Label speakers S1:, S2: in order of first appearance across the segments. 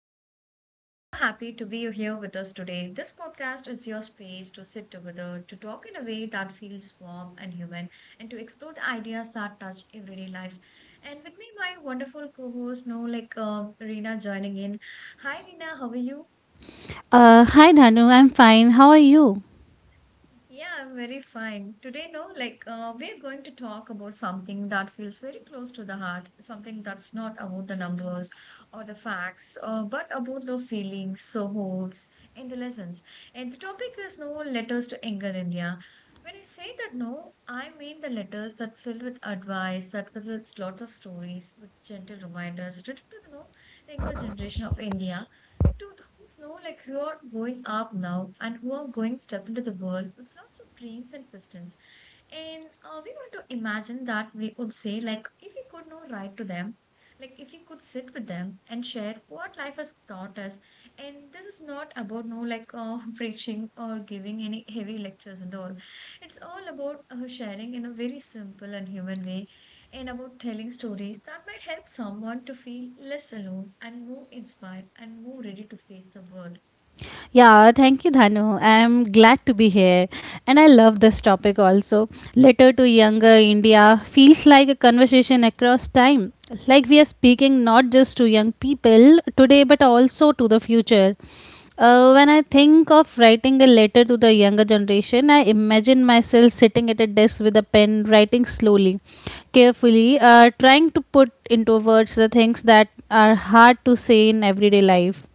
S1: host. I'm really so happy to be here with us today. This podcast is your space to sit together, to talk in a way that feels warm and human, and to explore the ideas that touch everyday lives. And with me, my wonderful co-host, no, like Reena, joining in. Hi, Reena, how are you?
S2: Hi Dhanu, I'm fine. How are you?
S1: Yeah, I'm very fine. Today, no, like we're going to talk about something that feels very close to the heart, something that's not about the numbers or the facts, but about the feelings, the hopes, and the lessons. And the topic is no letters to anger India. When I say that no, I mean the letters that filled with advice, that filled with lots of stories, with gentle reminders, written to the no, the younger generation of India to those know like who are going up now and who are going step into the world with lots of dreams and questions. And we want to imagine that we would say like if we could know write to them, like if we could sit with them and share what life has taught us. And this is not about no like preaching or giving any heavy lectures and all. It's all about sharing in a very simple and human way and about telling stories that might help someone to feel less alone and more inspired and more ready to face the world.
S2: Yeah, thank you, Dhanu. I'm glad to be here. And I love this topic also. Letter to Younger India feels like a conversation across time. Like we are speaking not just to young people today, but also to the future. When I think of writing a letter to the younger generation, I imagine myself sitting at a desk with a pen, writing slowly, carefully, trying to put into words the things that are hard to say in everyday life.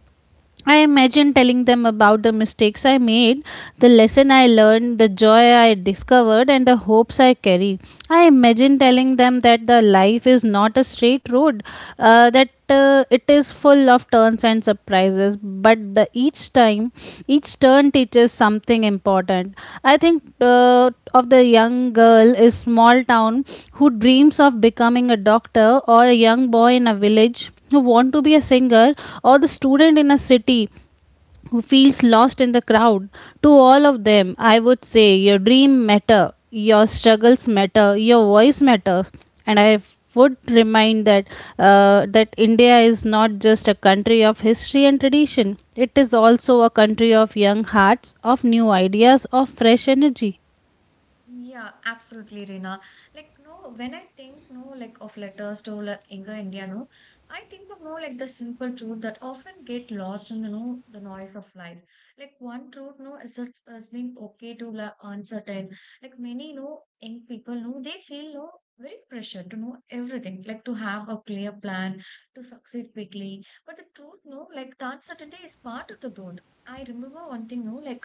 S2: I imagine telling them about the mistakes I made, the lesson I learned, the joy I discovered, and the hopes I carry. I imagine telling them that the life is not a straight road, that it is full of turns and surprises, but each time, each turn teaches something important. I think of the young girl is small town who dreams of becoming a doctor, or a young boy in a village who want to be a singer, or the student in a city who feels lost in the crowd. To all of them, I would say your dream matter, your struggles matter, your voice matters. And I would remind that India is not just a country of history and tradition, it is also a country of young hearts, of new ideas, of fresh energy.
S1: Yeah, absolutely, Reena. Like, no, when I think, no, like of letters to like, younger India, no, I think of no, like the simple truth that often get lost in, you know, the noise of life. Like one truth, no, is it has been okay to like uncertain. Like many, no, young people, no, they feel, no, very pressure to know everything, like to have a clear plan, to succeed quickly. But the truth, no, like the uncertainty is part of the growth. I remember one thing, no, like.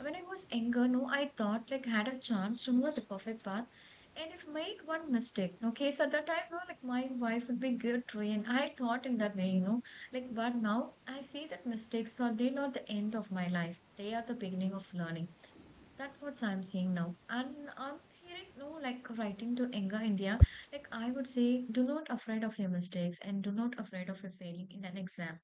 S1: When I was younger, no, I thought like had a chance to know the perfect path. And if made one mistake, okay, so at that time, no, like my wife would be guilt and I thought in that way, you know, like, but now I see that mistakes are they not the end of my life. They are the beginning of learning. That's what I'm seeing now. And I'm hearing, no, like writing to Enga India, like I would say, do not afraid of your mistakes and do not afraid of your failing in an exam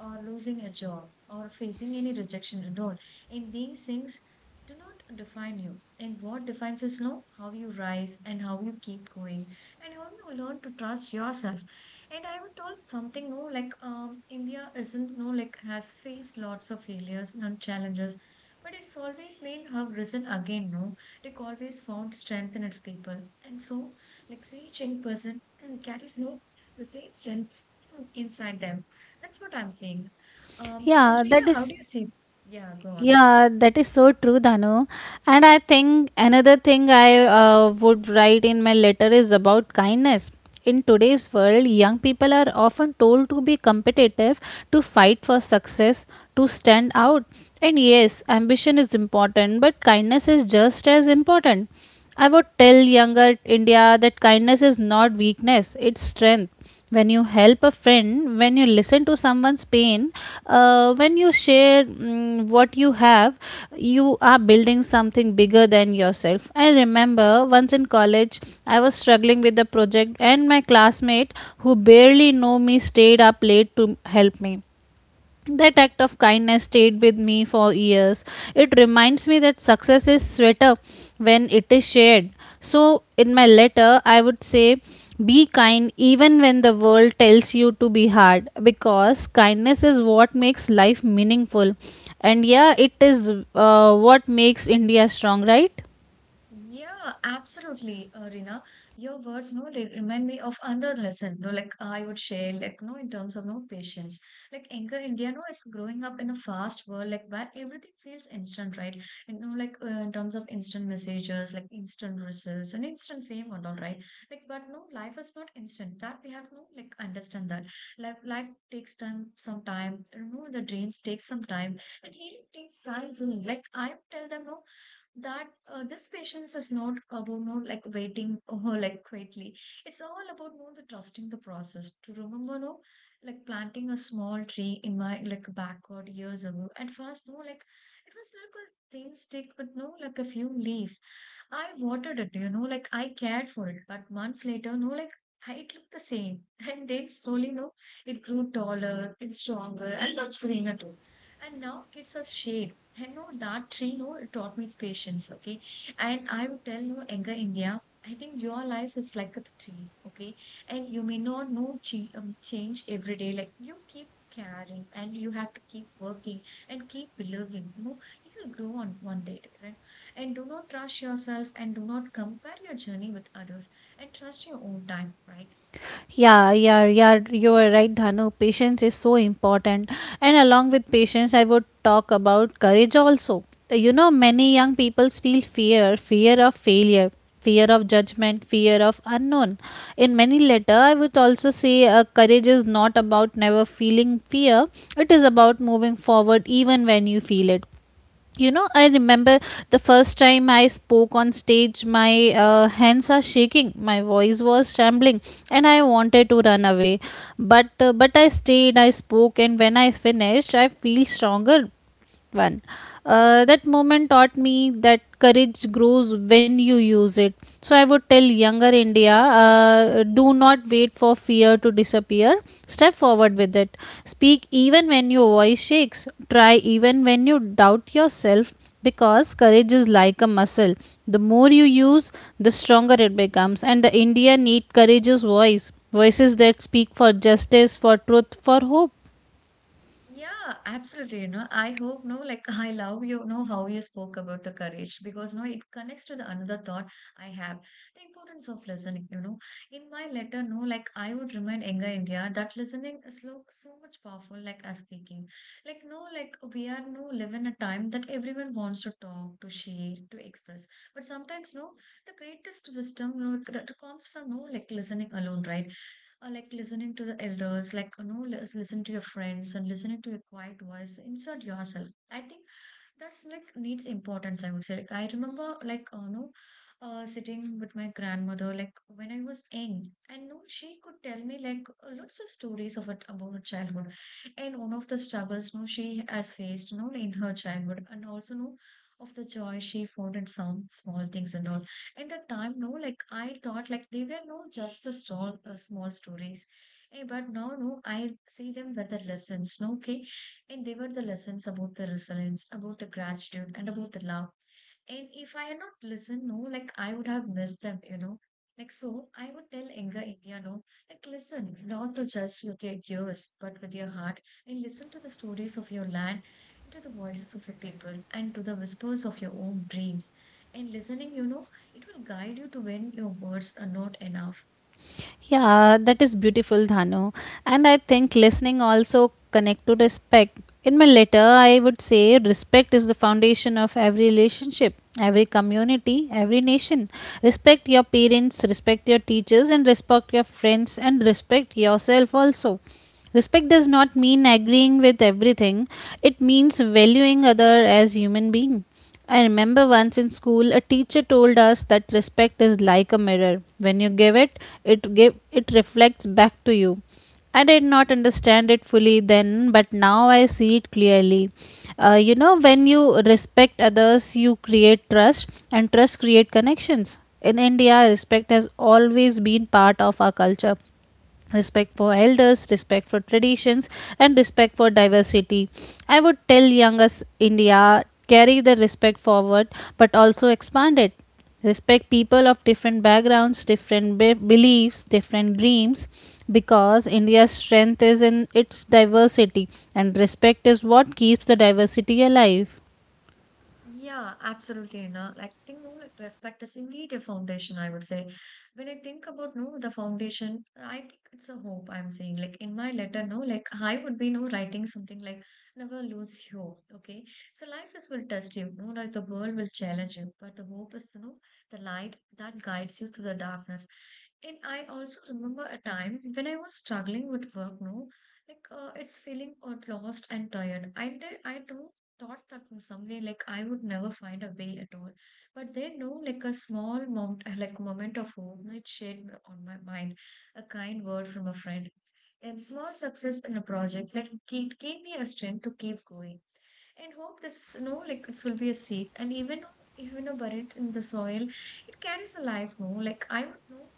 S1: or losing a job or facing any rejection at all. And these things do not define you. And what defines us now? How you rise and how you keep going and how you learn to trust yourself. And I would told something no, like India isn't no, like has faced lots of failures and challenges. But it's always been have risen again, no? Like always found strength in its people. And so, like Xi Jinping person carries no the same strength inside them. That's what I'm saying.
S2: Yeah, that
S1: Reena, how do
S2: is
S1: you see? Yeah, go on.
S2: Yeah, that is so true, Danu. And I think another thing I would write in my letter is about kindness. In today's world, young people are often told to be competitive, to fight for success, to stand out. And yes, ambition is important, but kindness is just as important. I would tell younger India that kindness is not weakness, it's strength. When you help a friend, when you listen to someone's pain, when you share what you have, you are building something bigger than yourself. I remember once in college, I was struggling with a project, and my classmate, who barely know me, stayed up late to help me. That act of kindness stayed with me for years. It reminds me that success is sweeter when it is shared. So, in my letter, I would say be kind even when the world tells you to be hard, because kindness is what makes life meaningful. And yeah, it is what makes India strong, right?
S1: Yeah, absolutely, Rina. Your words, no, they remind me of another lesson. No, like I would share, like no, in terms of no patience. Like younger India, no, is growing up in a fast world, like where everything feels instant, right? You know, like in terms of instant messages, like instant results and instant fame and all, right? Like, but no, life is not instant. That we have no, like understand that life takes time, some time. You know, the dreams take some time, and healing takes time too. Like I would tell them, no that this patience is not about no like waiting or like quietly it's all about no the trusting the process to remember no like planting a small tree in my like backyard years ago at first no like it was like a thin stick with no like a few leaves I watered it you know like I cared for it but months later no like it looked the same, and then slowly, no, it grew taller, it's stronger, and much greener too. And now it's a shade I know that tree no it taught me its patience, okay? And I would tell no younger India, I think your life is like a tree, okay? And you may not know change every day. Like you keep caring and you have to keep working and keep believing. You know, you will grow on one day, right? And do not rush yourself and do not compare your journey with others and trust your own time, right?
S2: Yeah, yeah, yeah, you are right, Dhanu. Patience is so important. And along with patience, I would talk about courage also. You know, many young people feel fear, fear of failure, fear of judgment, fear of unknown. In many letter, I would also say courage is not about never feeling fear. It is about moving forward even when you feel it. You know, I remember the first time I spoke on stage, my hands are shaking, my voice was trembling, and I wanted to run away. But I stayed, I spoke, and when I finished, I feel stronger. One That moment taught me that courage grows when you use it. So I would tell younger India, do not wait for fear to disappear, step forward with it, speak even when your voice shakes, try even when you doubt yourself, because courage is like a muscle. The more you use, the stronger it becomes. And the India need courageous voices that speak for justice, for truth, for hope.
S1: Yeah, absolutely. You know, I hope no, like I love you know how you spoke about the courage because no, it connects to the another thought I have, the importance of listening. You know, in my letter, no, like I would remind younger India that listening is lo so much powerful, like as speaking. Like no, like we are no live in a time that everyone wants to talk, to share, to express. But sometimes no, the greatest wisdom no, that comes from no like listening alone, right? Or like listening to the elders, like you know, listen to your friends and listening to your quiet voice. Insert yourself. I think that's like needs importance. I would say. Like I remember, like you know, sitting with my grandmother, like when I was young, and no, she could tell me like lots of stories of it about her childhood, and one of the struggles no she has faced, you know, in her childhood, and also no of the joy she found in some small things and all in that time no like I thought like they were no just a small small stories. Eh, but now no I see them were the lessons no okay and they were the lessons about the resilience about the gratitude and about the love and if I had not listened, no, like I would have missed them, you know. Like so, I would tell younger India, no, like listen, not to just with your ears, but with your heart, and listen to the stories of your land, to the voices of your people, and to the whispers of your own dreams. And listening, you know, it will guide you to when your words are not enough.
S2: Yeah, that is beautiful, Dhanu. And I think listening also connect to respect. In my letter, I would say respect is the foundation of every relationship, every community, every nation. Respect your parents, respect your teachers, and respect your friends, and respect yourself also. Respect does not mean agreeing with everything. It means valuing other as human being. I remember once in school a teacher told us that respect is like a mirror. When you give it, it give it reflects back to you. I did not understand it fully then, but now I see it clearly. You know, when you respect others, you create trust, and trust create connections. In India, respect has always been part of our culture: respect for elders, respect for traditions, and respect for diversity. I would tell young us India, carry the respect forward, but also expand it. Respect people of different backgrounds, different beliefs, different dreams, because India's strength is in its diversity, and respect is what keeps the diversity alive.
S1: Yeah, absolutely. No, like think no, like respect is indeed a foundation, I would say. When I think about no the foundation, I think it's a hope I'm saying. Like in my letter, no, like I would be no writing something like never lose hope. Okay. So life is will test you, no, like the world will challenge you, but the hope is you know the light that guides you through the darkness. And I also remember a time when I was struggling with work, no, like it's feeling out lost and tired. I do thought that in some way like I would never find a way at all. But then no, like a small moment, like moment of hope might shed on my mind, a kind word from a friend. And small success in a project like keep gave me a strength to keep going. And hope this no like it will be a seed. And even though buried in the soil, it carries a life no. Like I would know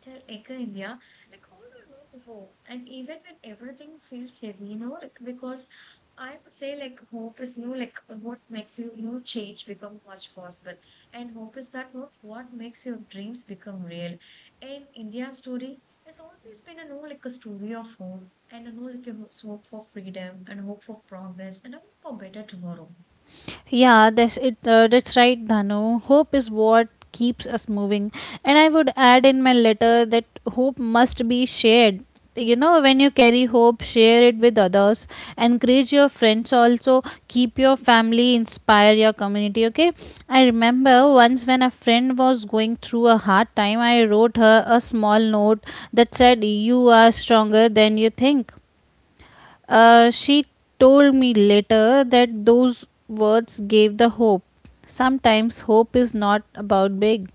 S1: till Echo India, like all around the world. And even when everything feels heavy, you know, like because I would say like hope is no like what makes you no change become much possible. And hope is that what makes your dreams become real. And India's story has always been a no like a story of hope and a no like a hope for freedom and hope for progress and a hope for better tomorrow.
S2: Yeah, that's it. That's right, Dhanu. Hope is what keeps us moving, and I would add in my letter that hope must be shared. You know, when you carry hope, share it with others. Encourage your friends also. Keep your family, inspire your community. Okay. I remember once when a friend was going through a hard time, I wrote her a small note that said, "You are stronger than you think." She told me later that those words gave the hope. Sometimes hope is not about big.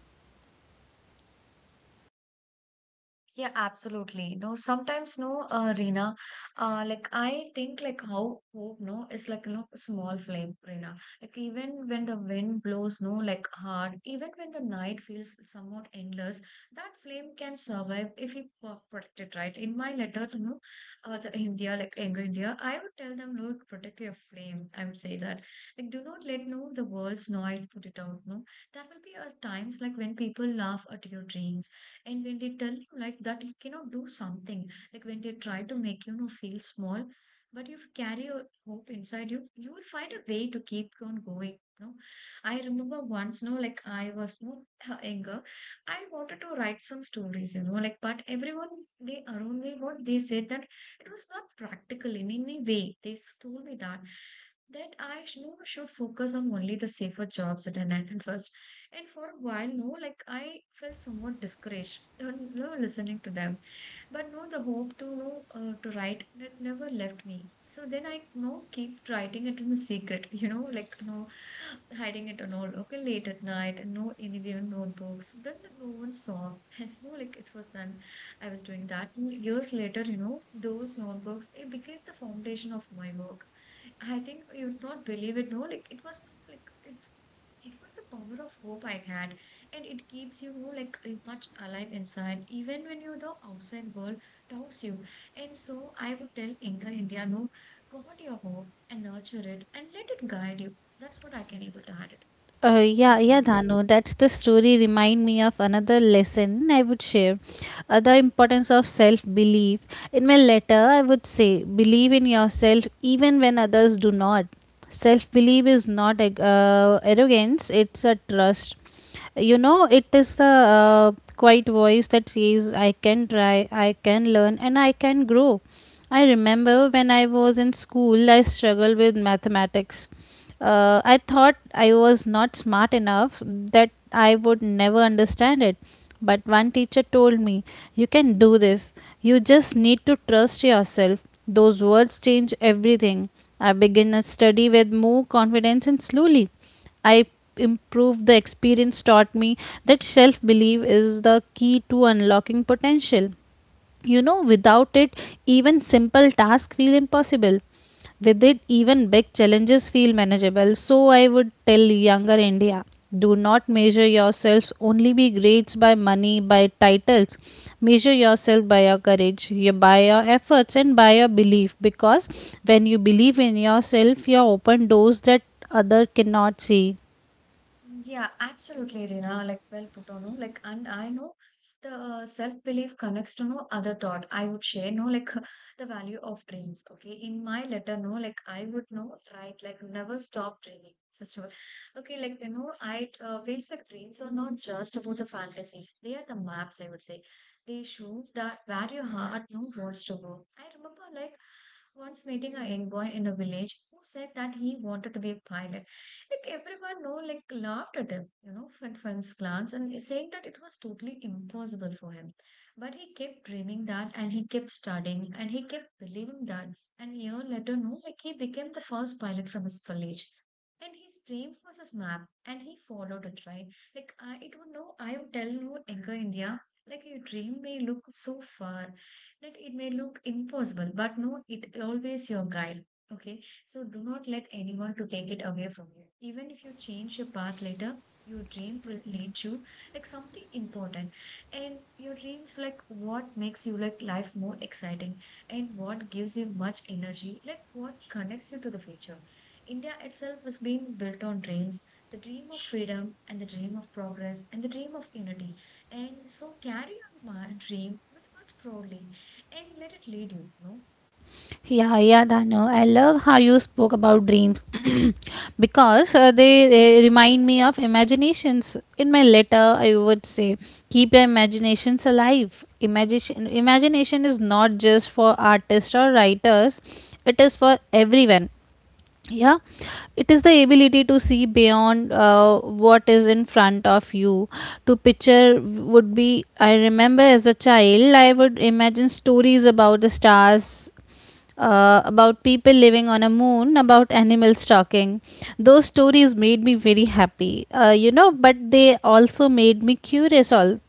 S1: Yeah, absolutely. No, sometimes no, Reena. Like I think like how hope no is like no small flame, Reena. Like even when the wind blows no like hard, even when the night feels somewhat endless, that flame can survive if you protect it right. In my letter to no, the India like younger India, I would tell them no protect your flame. I would say that like do not let no the world's noise put it out. No, that will be times like when people laugh at your dreams and when they tell you like that, you cannot do something. Like when they try to make you know feel small, but if you carry your hope inside you, you will find a way to keep on going. No, I remember once, no, like I was no younger, I wanted to write some stories, you know, like but everyone they around me what they said that it was not practical in any way. They told me that I you know, should focus on only the safer jobs at an at first, and for a while, no, like I felt somewhat discouraged, you know, listening to them. But no, the hope to know to write that never left me. So then I no keep writing it in the secret, you know, like no hiding it and all. Okay, late at night, and no anywhere notebooks. Then no one saw. Yes, no like it was done. I was doing that years later. You know, those notebooks it became the foundation of my work. I think you'd not believe it. No, like it was like it was the power of hope I had, and it keeps you like much alive inside, even when you the outside world doubts you. And so I would tell Inka India, no, guard your hope and nurture it and let it guide you. That's what I can able to add it.
S2: Yeah,
S1: God.
S2: yeah, Dhanu. That's the story. Remind me of another lesson I would share. The importance of self belief. In my letter, I would say believe in yourself even when others do not. Self belief is not arrogance, it's a trust. You know, it is the quiet voice that says I can try, I can learn, and I can grow. I remember when I was in school I struggled with mathematics. I thought I was not smart enough, that I would never understand it. But one teacher told me, "You can do this. You just need to trust yourself." Those words change everything. I began a study with more confidence, and slowly I improved. The experience taught me that self belief is the key to unlocking potential. You know, without it, even simple tasks feel impossible. With it, even big challenges feel manageable. So, I would tell younger India, do not measure yourselves only by grades, by money, by titles. Measure yourself by your courage, by your efforts, and by your belief. Because when you believe in yourself, you open doors that other cannot see.
S1: Yeah, absolutely, Rina. Like, well put on. No? Like, and I know the self-belief connects to no other thought. I would share, no, like the value of dreams. Okay. In my letter, no, like I would know, right? Like, never stop dreaming. First of all, okay, like you know, I feels like dreams are not just about the fantasies. They are the maps, I would say. They show that where your heart no wants to go. I remember like once meeting a young boy in the village who said that he wanted to be a pilot. Like everyone know, like laughed at him, you know, at first glance, and saying that it was totally impossible for him. But he kept dreaming that, and he kept studying, and he kept believing that. And year later, no, like he became the first pilot from his college. And his dream was his map, and he followed it, right? Like I, it would know, I would tell you, Anchor India, like your dream may look so far, that it may look impossible, but no, it always your guide. Okay, so do not let anyone to take it away from you. Even if you change your path later, your dream will lead you like something important. And your dreams like what makes you like life more exciting and what gives you much energy, like what connects you to the future. India itself has been built on dreams, the dream of freedom and the dream of progress and the dream of unity. And so carry your dream with much proudly and let it lead you, you know.
S2: Yeah, yeah, Dano. I love how you spoke about dreams because they remind me of imaginations. In my letter, I would say, keep your imaginations alive. Imagination is not just for artists or writers; it is for everyone. Yeah, it is the ability to see beyond what is in front of you. To picture would be, I remember as a child, I would imagine stories about the stars, about people living on a moon, about animals talking. Those stories made me very happy, you know, but they also made me curious. All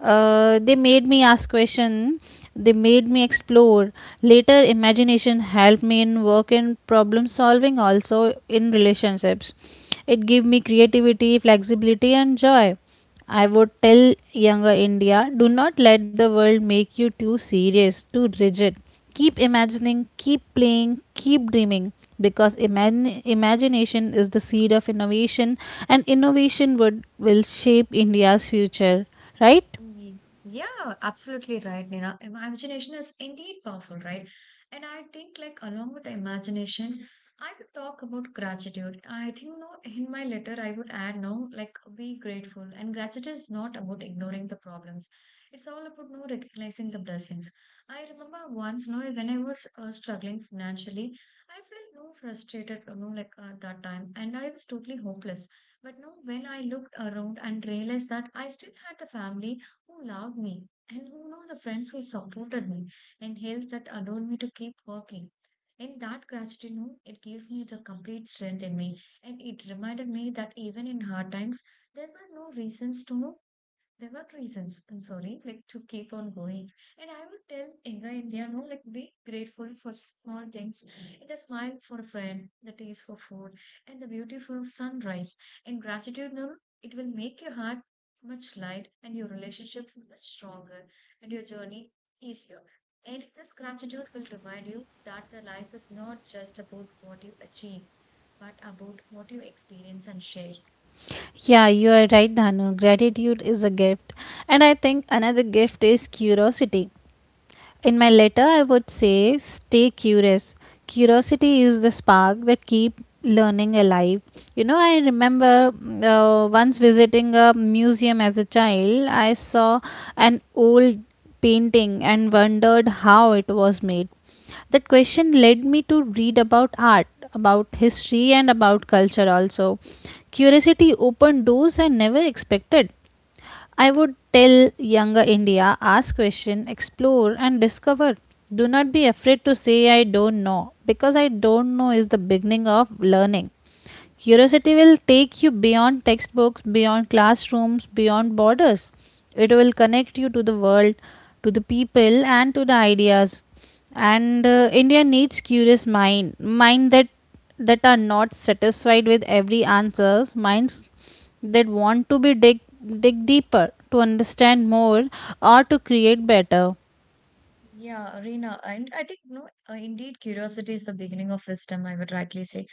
S2: They made me ask question. They made me explore. Later, imagination helped me in work and problem solving, also in relationships. It gave me creativity, flexibility, and joy. I would tell younger India do not let the world make you too serious, too rigid. Keep imagining, keep playing, keep dreaming, because imagination is the seed of innovation, and innovation will shape India's future, right?
S1: Ye- Yeah, absolutely right, Nina. Imagination is indeed powerful, right? And I think, like, along with the imagination, I would talk about gratitude. I think, no, in my letter, I would add, no, like, be grateful. And gratitude is not about ignoring the problems. It's all about, no, recognizing the blessings. I remember once, no, when I was struggling financially, I felt, no, frustrated, you know, like, at that time. And I was totally hopeless. But no, when I looked around and realized that I still had the family, who loved me and who know the friends who supported me and helped that allowed me to keep working. In that gratitude, you it gives me the complete strength in me. And it reminded me that even in hard times, there were no reasons to there were reasons, I'm sorry, like to keep on going. And I would tell younger India, no, like be grateful for small things. The smile for a friend, the taste for food, and the beautiful sunrise. And gratitude, no, it will make your heart much light and your relationships much stronger and your journey easier. And this gratitude will remind you that the life is not just about what you achieve, but about what you experience and share.
S2: Yeah, you are right, Danu. Gratitude is a gift. And I think another gift is curiosity. In my letter, I would say stay curious. Curiosity is the spark that keep learning alive. You know, I remember once visiting a museum as a child, I saw an old painting and wondered how it was made. That question led me to read about art, about history, and about culture also. Curiosity opened doors I never expected. I would tell younger India ask question, explore and discover. Do not be afraid to say I don't know, because I don't know is the beginning of learning. Curiosity will take you beyond textbooks, beyond classrooms, beyond borders. It will connect you to the world, to the people, and to the ideas. And India needs curious mind that are not satisfied with every answers, minds that want to be dig dig deeper, to understand more, or to create better.
S1: Yeah, Reena, and I think no, indeed, curiosity is the beginning of wisdom. I would rightly say,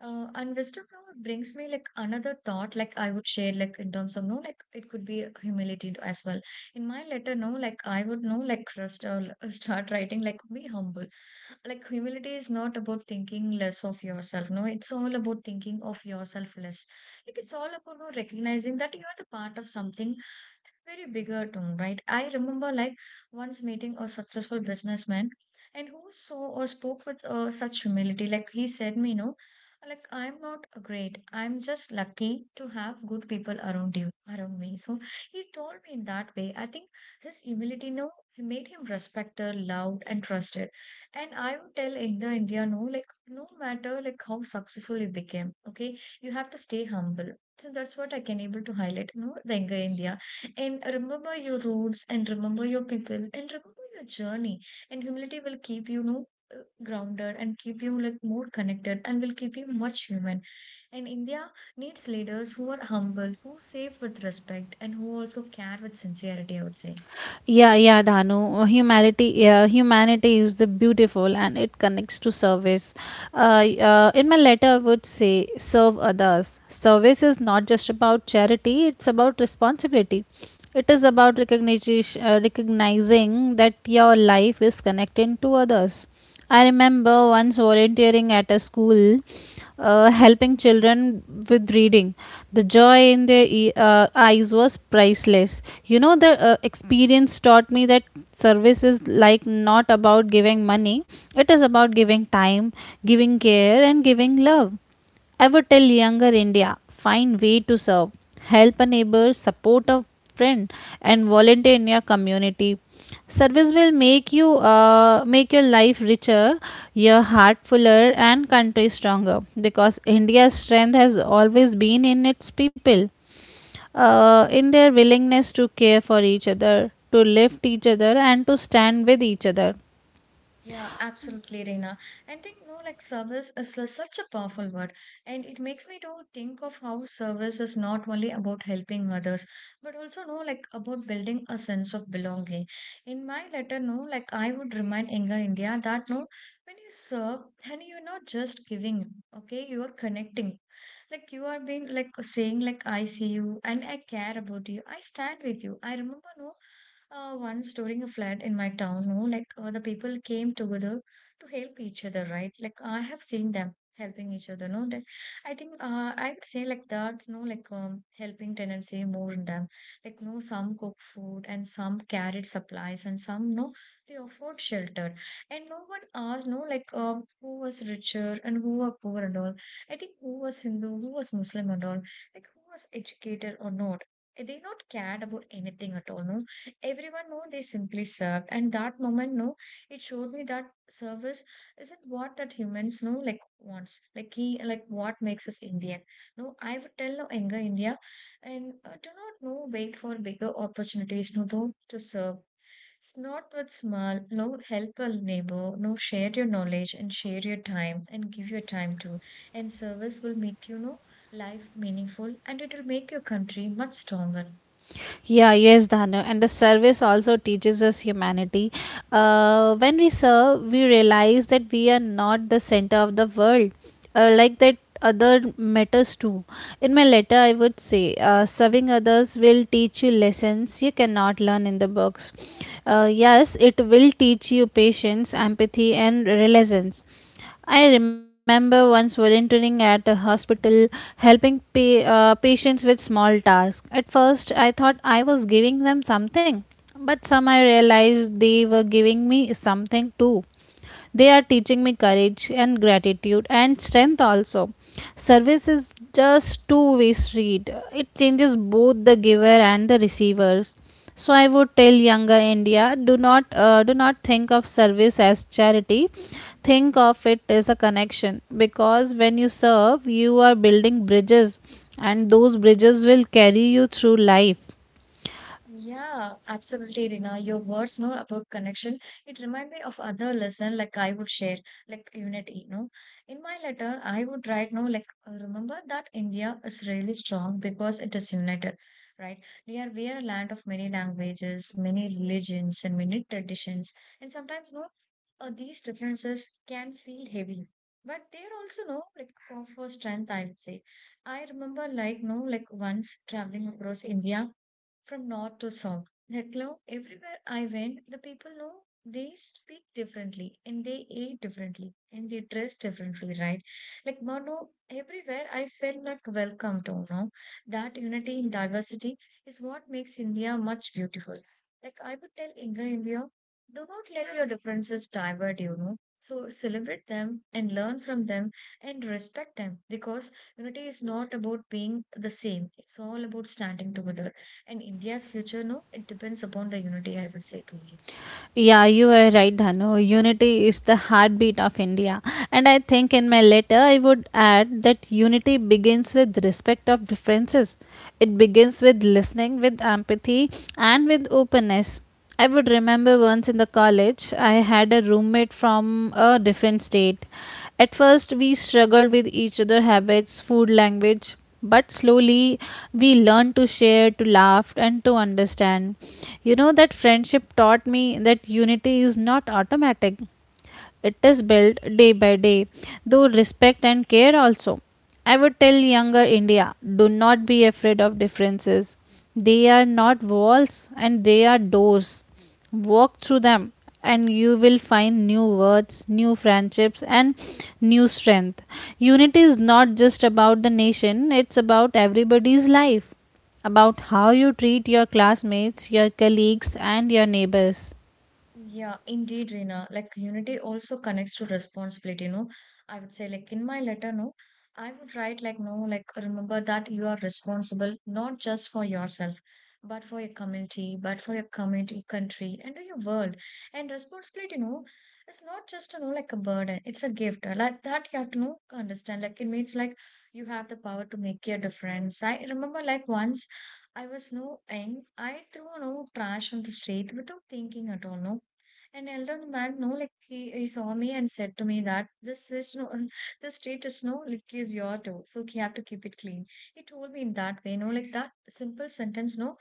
S1: and wisdom now brings me like another thought, like I would share, like in terms of no, like it could be humility as well. In my letter, no, like I would know, like rest, start writing, like be humble. Like humility is not about thinking less of yourself. No, it's all about thinking of yourself less. Like it's all about no recognizing that you are the part of something very bigger tone, right? I remember like once meeting a successful businessman and who saw or spoke with such humility. Like he said me, no, like I'm not great. I'm just lucky to have good people around you, around me. So he told me in that way. I think his humility, no, he made him respected, loved, and trusted. And I would tell in the India, no, like no matter like how successful you became, okay, you have to stay humble. So that's what I can able to highlight, no, the younger India. And remember your roots and remember your people and remember your journey. And humility will keep you, you know, grounded and keep you like more connected and will keep you much human. And India needs leaders who are humble, who save with respect, and who also care with sincerity, I would say.
S2: Yeah, yeah, Danu. Humanity, yeah, humanity is the beautiful, and it connects to service. In my letter, I would say serve others. Service is not just about charity; it's about responsibility. It is about recognizing that your life is connected to others. I remember once volunteering at a school, helping children with reading. The joy in their eyes was priceless. You know, the experience taught me that service is like not about giving money, it is about giving time, giving care, and giving love. I would tell younger India find way to serve, help a neighbor, support a friend, and volunteer in your community. Service will make you make your life richer, your heart fuller, and country stronger. Because India's strength has always been in its people, in their willingness to care for each other, to lift each other, and to stand with each other.
S1: Yeah, absolutely, Reena. I think no, like service is such a powerful word, and it makes me to think of how service is not only about helping others, but also no, like about building a sense of belonging. In my letter, no, like I would remind younger India that no, when you serve, then you're not just giving, okay, you are connecting. Like you are being like saying like I see you and I care about you. I stand with you. I remember no. Once during a flood in my town, no, like the people came together to help each other, right? Like I have seen them helping each other, no. That I think I would say like that's no like helping tendency more in them. Like no, some cook food and some carried supplies and some no they offered shelter and no one asked no like who was richer and who were poor and all. I think who was Hindu, who was Muslim and all, like who was educated or not. They not cared about anything at all, no. Everyone, know they simply served. And that moment, no, it showed me that service isn't what that humans know, like wants, like he, like what makes us Indian. No, I would tell no younger India, and do not no wait for bigger opportunities. No, don't to serve. It's not with small, no help a neighbor, no share your knowledge and share your time and give your time too. And service will make you know life meaningful and it will make your country much stronger.
S2: Yeah, yes, Dhanu. And the service also teaches us humanity. When we serve, we realize that we are not the center of the world, like that other matters too. In my letter, I would say serving others will teach you lessons you cannot learn in the books. Yes, it will teach you patience, empathy, and resilience. I remember once volunteering at a hospital, helping patients with small tasks. At first, I thought I was giving them something, but somehow I realized they were giving me something too. They are teaching me courage and gratitude and strength also. Service is just two-way street. It changes both the giver and the receivers. So I would tell younger India, do not think of service as charity. Think of it as a connection, because when you serve, you are building bridges, and those bridges will carry you through life.
S1: Yeah, absolutely, Rina. Your words know about connection. It remind me of other lesson like I would share, like unity, no. In my letter, I would write, no, like remember that India is really strong because it is united, right? We are a land of many languages, many religions, and many traditions, and sometimes no, these differences can feel heavy. But they're also no like for strength, I would say. I remember like no like once traveling across India from north to south. Like now, everywhere I went, the people know they speak differently and they eat differently and they dress differently, right? Like Mano, everywhere I felt like welcome to know that unity in diversity is what makes India much beautiful. Like I would tell Inga India, do not let your differences divert you, know. So celebrate them and learn from them and respect them because unity is not about being the same. It's all about standing together. And India's future, no, it depends upon the unity, I would say to you.
S2: Yeah, you were right, Dhanu. Unity is the heartbeat of India. And I think in my letter, I would add that unity begins with respect of differences. It begins with listening, with empathy, and with openness. I would remember once in the college, I had a roommate from a different state. At first, we struggled with each other's habits, food language, but slowly we learn to share, to laugh, and to understand. You know, that friendship taught me that unity is not automatic, it is built day by day though respect and care also. I would tell younger India, do not be afraid of differences. They are not walls, and they are doors. Walk through them, and you will find new words, new friendships, and new strength. Unity is not just about the nation, it's about everybody's life, about how you treat your classmates, your colleagues, and your neighbors.
S1: Yeah, indeed, Reena. Like unity also connects to responsibility, you know. I would say, like in my letter, no, I would write like no, like remember that you are responsible not just for yourself, but for your community, country, and your world. And responsibility, no, it's not just you know like a burden, it's a gift. Like that you have to know understand. Like it means like you have the power to make your difference. I remember like once I was no young, I threw no trash on the street without thinking at all, no an elder man, no, like he saw me and said to me that this is no, the street is no, like is your too, so you have to keep it clean. He told me in that way, no, like that simple sentence, no,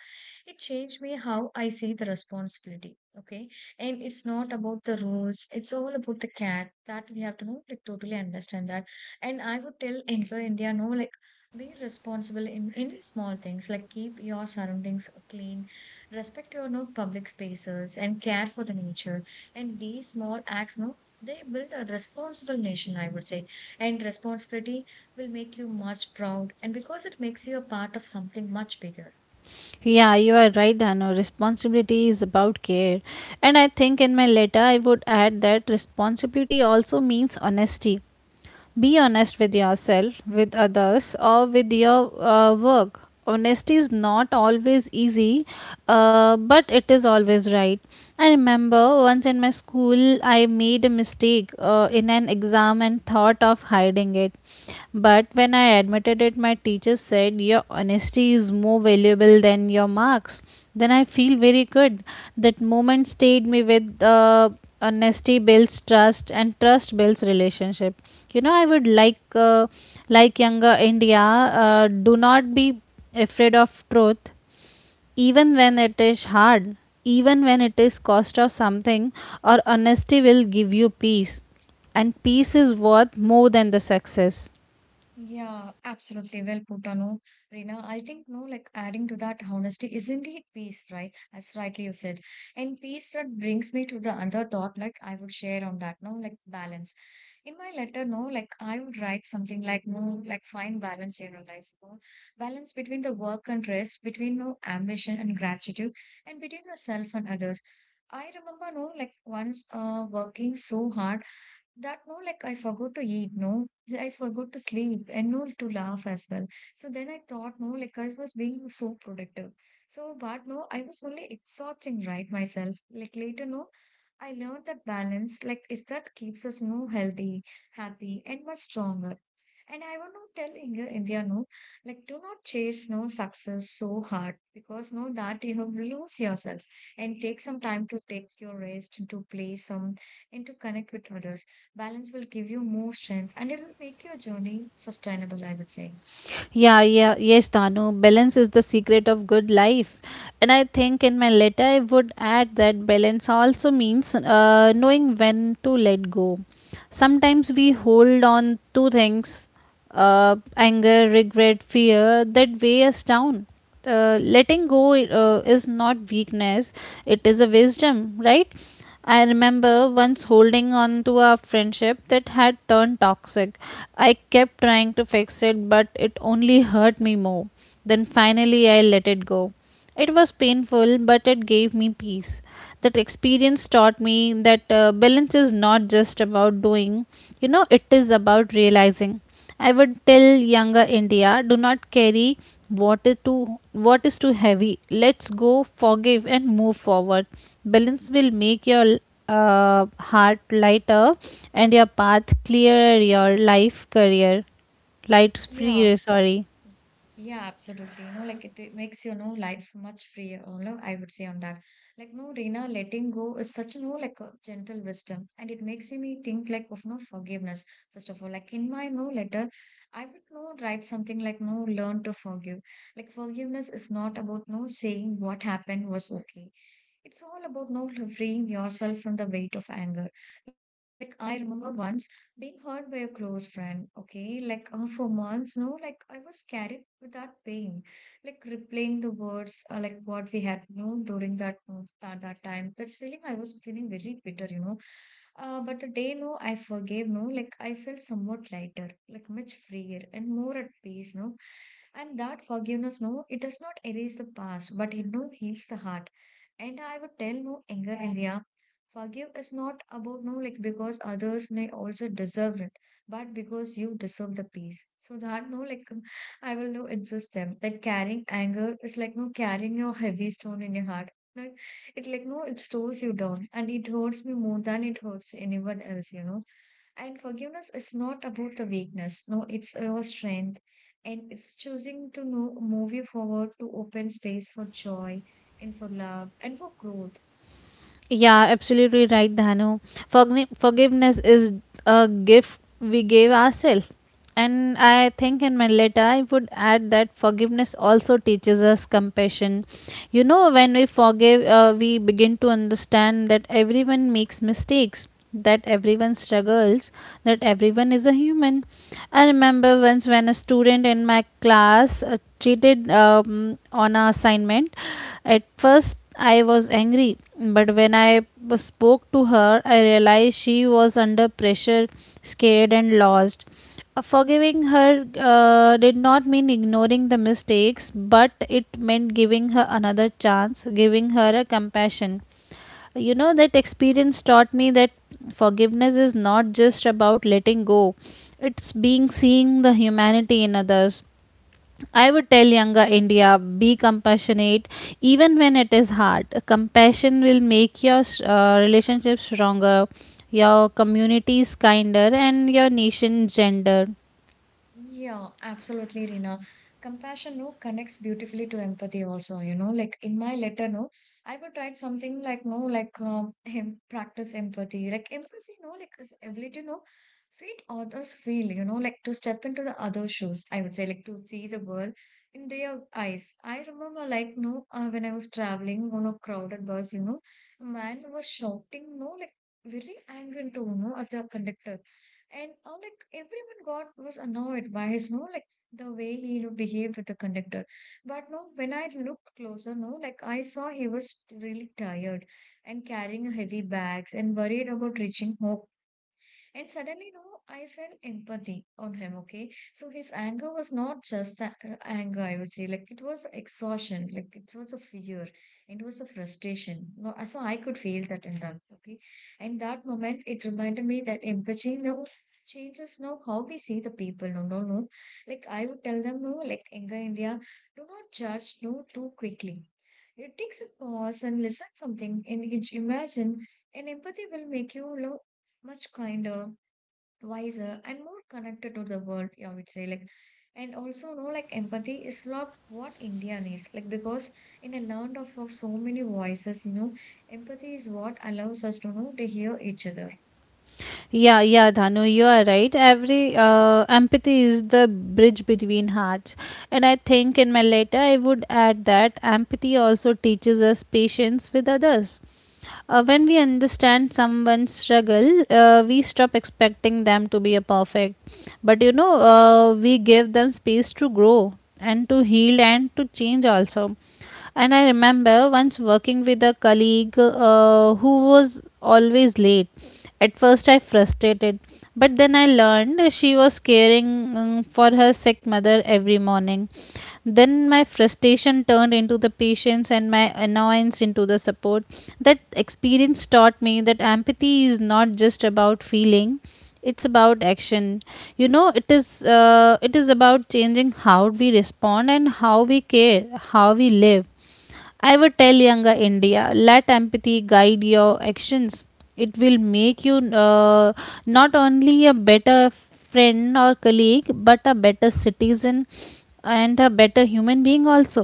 S1: it changed me how I see the responsibility. Okay, and it's not about the rules; it's all about the care that we have to know, like totally understand that. And I would tell younger India, no, like be responsible in small things, like keep your surroundings clean, respect your no public spaces and care for the nature, and these small acts, no, they build a responsible nation, I would say. And responsibility will make you much proud, and because it makes you a part of something much bigger.
S2: Yeah, you are right, Dano. Responsibility is about care. And I think in my letter I would add that responsibility also means honesty. Be honest with yourself, with others, or with your work. Honesty is not always easy, but it is always right. I remember once in my school, I made a mistake in an exam and thought of hiding it. But when I admitted it, my teacher said, "Your honesty is more valuable than your marks." Then I feel very good. That moment stayed me with. Honesty builds trust, and trust builds relationship. You know, I would like younger India, do not be afraid of truth, even when it is hard, even when it is cost of something, or honesty will give you peace, and peace is worth more than the success.
S1: Yeah, absolutely. Well put, no, Reena. I think, no, like adding to that, honesty is not it peace, right? As rightly you said. And peace, that brings me to the other thought, like I would share on that, no, like balance. In my letter, no, like I would write something like, no, like find balance in your life, no? Balance between the work and rest, between no ambition and gratitude, and between yourself and others. I remember, no, like once working so hard that no like I forgot to eat, no, I forgot to sleep and no to laugh as well. So then I thought, no, like I was being so productive. So, but no, I was only exhausting, right, myself. Like later, no, I learned that balance, like, is that keeps us, no, healthy, happy, and much stronger. And I want to tell India, India, no, like, do not chase, no, success so hard because, no, that you have lose yourself and take some time to take your rest and to play some and to connect with others. Balance will give you more strength and it will make your journey sustainable, I would say.
S2: Yeah, yeah, yes, Danu. Balance is the secret of good life. And I think in my letter, I would add that balance also means knowing when to let go. Sometimes we hold on to things, anger, regret, fear that weigh us down. Letting go is not weakness, it is a wisdom, right? I remember once holding on to a friendship that had turned toxic. I kept trying to fix it, but it only hurt me more. Then finally, I let it go. It was painful, but it gave me peace. That experience taught me that balance is not just about doing, you know, it is about realizing. I would tell younger India, do not carry what is too heavy. Let's go, forgive, and move forward. Balance will make your heart lighter and your path clearer. Your life career, light
S1: Yeah.
S2: free. Sorry.
S1: Y- Yeah, absolutely. You know, like it makes you know life much freer. You know, I would say on that. Like, no, Rina, letting go is such a no, like a gentle wisdom, and it makes me think like of no forgiveness. First of all, like in my no letter, I would no write something like no learn to forgive. Like forgiveness is not about no saying what happened was okay. It's all about no freeing yourself from the weight of anger. Like I remember once being hurt by a close friend, okay, like for months, no, like I was carried with that pain, like replaying the words, like what we had known during that time. That's feeling I was feeling very bitter, you know. But the day, no, I forgave, no, like I felt somewhat lighter, like much freer and more at peace, no. And that forgiveness, no, it does not erase the past but it no heals the heart. And I would tell no anger area, forgive is not about no like because others may also deserve it, but because you deserve the peace. So that no like I will no insist them that carrying anger is like no carrying your heavy stone in your heart. Like it like no it stores you down and it hurts me more than it hurts anyone else, you know. And forgiveness is not about the weakness. No, it's your strength. And it's choosing to no move you forward to open space for joy and for love and for growth.
S2: Yeah, absolutely right, Dhanu. Forgiveness is a gift we gave ourselves. And I think in my letter, I would add that forgiveness also teaches us compassion. You know, when we forgive, we begin to understand that everyone makes mistakes, that everyone struggles, that everyone is a human. I remember once when a student in my class cheated on an assignment. At first I was angry, but when I spoke to her, I realized she was under pressure, scared, and lost. Uh, forgiving her did not mean ignoring the mistakes, but it meant giving her another chance, giving her a compassion. You know, that experience taught me that forgiveness is not just about letting go, it's being seeing the humanity in others. I would tell younger India, be compassionate even when it is hard. Compassion will make your relationship stronger, your communities kinder, and your nation gender.
S1: Yeah, absolutely, Rina. Compassion, no, connects beautifully to empathy also, you know, like in my letter, no, I would write something like, no, like him practice empathy, like empathy, no, like this ability, no, feed others feel, you know, like to step into the other shoes, I would say, like to see the world in their eyes. I remember, like, no, when I was traveling on a crowded bus, you know, a man was shouting, no, like very angry to, no, at the conductor, and like everyone got was annoyed by his no, like the way he no, behaved with the conductor. But no, when I looked closer, no, like I saw he was really tired and carrying heavy bags and worried about reaching home, and suddenly, you know, I felt empathy on him, okay? So his anger was not just the anger, I would say. Like it was exhaustion, like it was a fear, it was a frustration. No, so I could feel that in them, okay? And that moment, it reminded me that empathy now changes now how we see the people. No, no, no. Like I would tell them, no, like anger India, do not judge, no, too quickly. It takes a pause and listen something, and you imagine, and empathy will make you look much kinder, wiser and more connected to the world, I would say. Like, and also no like empathy is not what India needs, like because in a land of so many voices, you know, empathy is what allows us to know to hear each other.
S2: Yeah, yeah, Dhanu, you are right. Every empathy is the bridge between hearts. And I think in my letter, I would add that empathy also teaches us patience with others. When we understand someone's struggle, we stop expecting them to be a perfect. But you know, we give them space to grow and to heal and to change also. And I remember once working with a colleague who was always late. At first, I frustrated, but then I learned she was caring for her sick mother every morning. Then my frustration turned into the patience and my annoyance into the support. That experience taught me that empathy is not just about feeling, it's about action. You know, it is about changing how we respond and how we care, how we live. I would tell younger India, let empathy guide your actions. It will make you uh, not only a better friend or colleague, but a better citizen and a better human being also.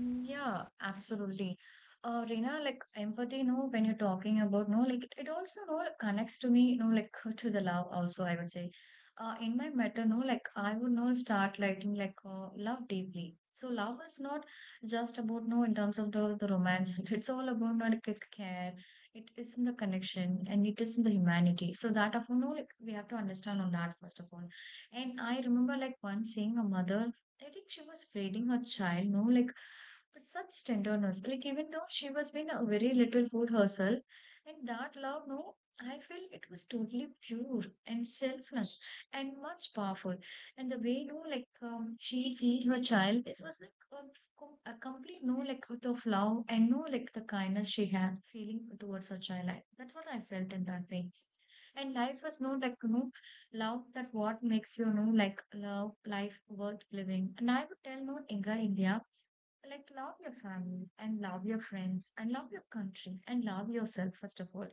S1: Mm, yeah, absolutely. Reena, like empathy, no, when you're talking about, no, like it also, no, connects to me, no, like to the love also, I would say. In my matter, no, like I would not start writing like love deeply. So love is not just about, no, in terms of the romance. It's all about, no, like, care. It is in the connection and it is in the humanity. So that of, no, like we have to understand on that first of all. And I remember like once seeing a mother, I think she was feeding her child, no, like with such tenderness. Like even though she was being a very little food herself, and that love, no, I feel it was totally pure and selfless and much powerful. And the way, no, like she feed her child, this was like a, a complete no, like out of love and no, like the kindness she had feeling towards her child. I, that's what I felt in that way. And life was no, like no love that what makes you know like love life worth living. And I would tell no inga India, like love your family and love your friends and love your country and love yourself first of all.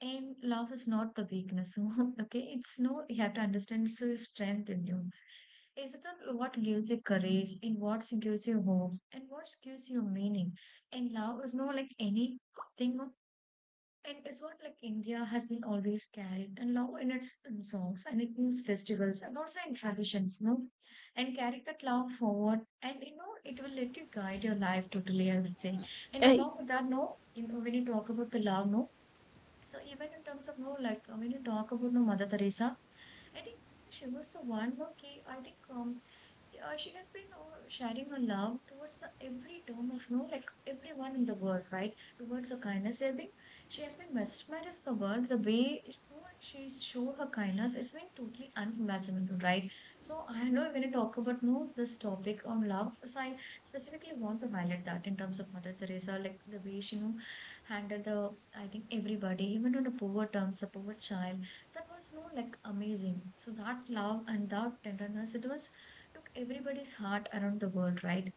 S1: And love is not the weakness okay, it's no you have to understand it's your strength in you. Is it on what gives you courage, in what gives you hope and what gives you meaning. And love is not like anything or, and it's what like India has been always carried and love in its in songs and it means festivals and also in traditions, no? And carry that love forward and you know it will let you guide your life totally, I will say. And along with that, no, you know, when you talk about the love, no, so even in terms of no, like when you talk about no Mother Teresa, I think she was the one who I think she has been sharing her love towards the every term of no like everyone in the world, right? Towards her kindness, I think she has been mesmerized the world the way you know, she showed her kindness. It's been totally unimaginable, right? So I know when you talk about no this topic on love, so I specifically want to highlight that in terms of Mother Teresa, like the way she you know, handled the, I think, everybody, even on the poor terms, the poor child. So that was, you know, like amazing. So that love and that tenderness, it was took everybody's heart around the world, right?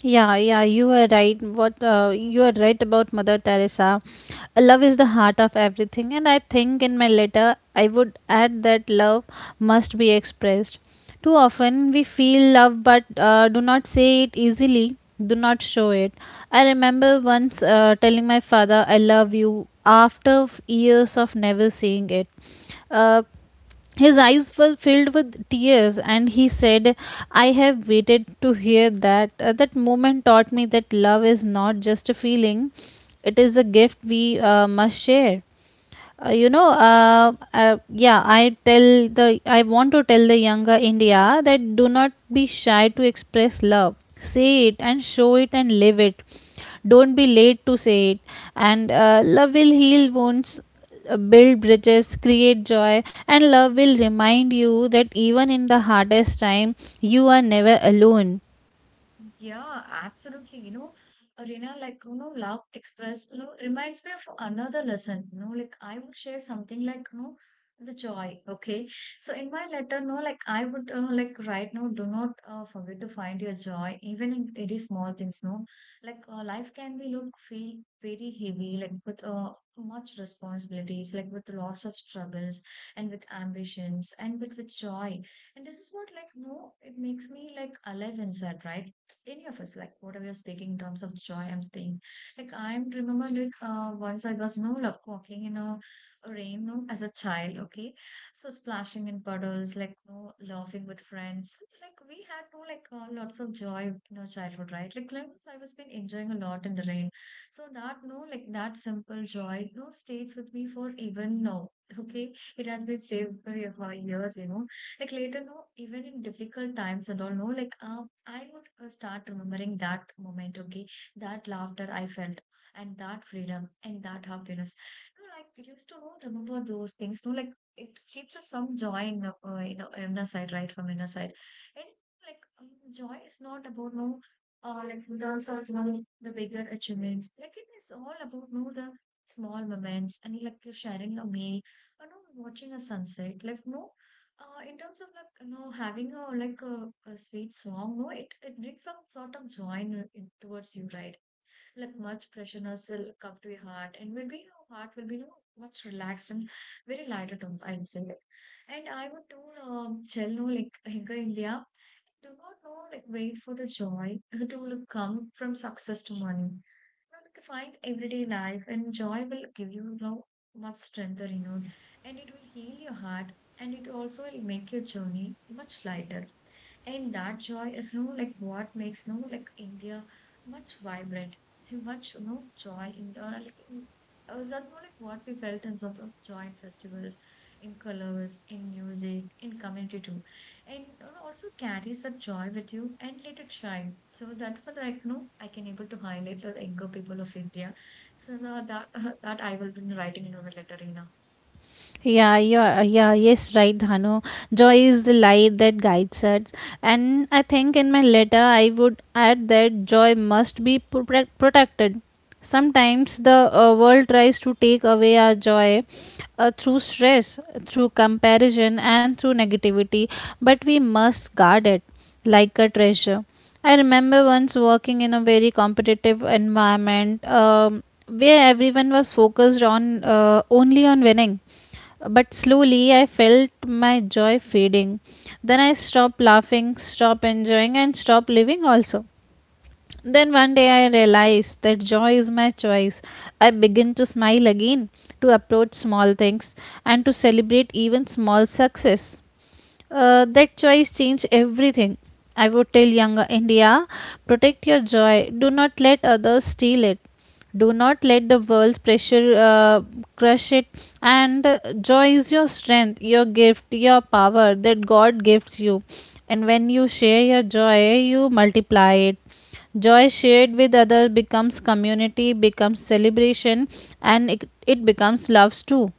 S2: Yeah, yeah, you are right. What you are right about Mother Teresa. Love is the heart of everything, and I think in my letter I would add that love must be expressed. Too often we feel love, but do not say it easily, do not show it. I remember once telling my father, "I love you," after years of never saying it. Uh, his eyes were filled with tears, and he said, "I have waited to hear that." That moment taught me that love is not just a feeling, it is a gift we must share. Uh, you know uh, yeah I tell the I want to tell the younger India, that do not be shy to express love. Say it and show it and live it. Don't be late to say it. And love will heal wounds, build bridges, create joy, and love will remind you that even in the hardest time you are never alone.
S1: Yeah, absolutely. You know, Arena, like, you know, Love Express, you know, reminds me of another lesson. You know, like, I would share something like, you know, the joy. Okay. So, in my letter, no, like, I would, like, write, no, do not forget to find your joy, even in very small things, no. Like, life can be, look, feel very heavy, like, with much responsibilities, like, with lots of struggles and with ambitions and with joy. And this is what, like, no, it makes me, like, alive inside, right? Any of us, like whatever you're speaking in terms of joy, I'm speaking. Like I remember, like once I was no like walking in a rain, no, as a child. Okay, so splashing in puddles, like no laughing with friends. Like we had no like lots of joy in our childhood, right? Like I was been enjoying a lot in the rain. So that no like that simple joy no stays with me for even now. Okay, it has been stayed for years, you know, like later, no, even in difficult times and all, no, like I would start remembering that moment, okay, that laughter I felt, and that freedom, and that happiness. No, like used to not remember those things. No, like it keeps us some joy in inner side, right from inner side, and like joy is not about no. Like the sort of no, the bigger achievements. Like it is all about no the small moments and like you're sharing a meal or no watching a sunset. Like no in terms of like you know having a like a sweet song, no, it brings some sort of joy in towards you, right? Like much pressureness will come to your heart and will be your heart will be, you know, much relaxed and very lighter tone I'm saying, like and I would told Chelno like Hinka India do not know like wait for the joy to will come from success to money, but find everyday life and joy will give you, you know, much strength or renewal, and it will heal your heart, and it also will make your journey much lighter, and that joy is no like what makes no like India much vibrant, too much, you know, joy in like in, is that more like what we felt in terms of joy in festivals, in colors, in music, in community too, and, you know, also carries that joy with you and let it shine. So that was like no, I can able to highlight the younger people of India. So now that that I will be writing in a letter in.
S2: Yeah, yeah, yeah, yes, right, Dhanu. Joy is the light that guides us. And I think in my letter, I would add that joy must be protected. Sometimes the world tries to take away our joy, through stress, through comparison, and through negativity, but we must guard it like a treasure. I remember once working in a very competitive environment, where everyone was focused on only on winning, but slowly I felt my joy fading. Then I stopped laughing, stopped enjoying, and stopped living also. Then one day I realized that joy is my choice. I begin to smile again, to approach small things, and to celebrate even small success. That choice changed everything. I would tell younger India, protect your joy, do not let others steal it. Do not let the world pressure crush it. And joy is your strength, your gift, your power that God gives you. And when you share your joy, you multiply it. Joy shared with others becomes community, becomes celebration, and it becomes loves too.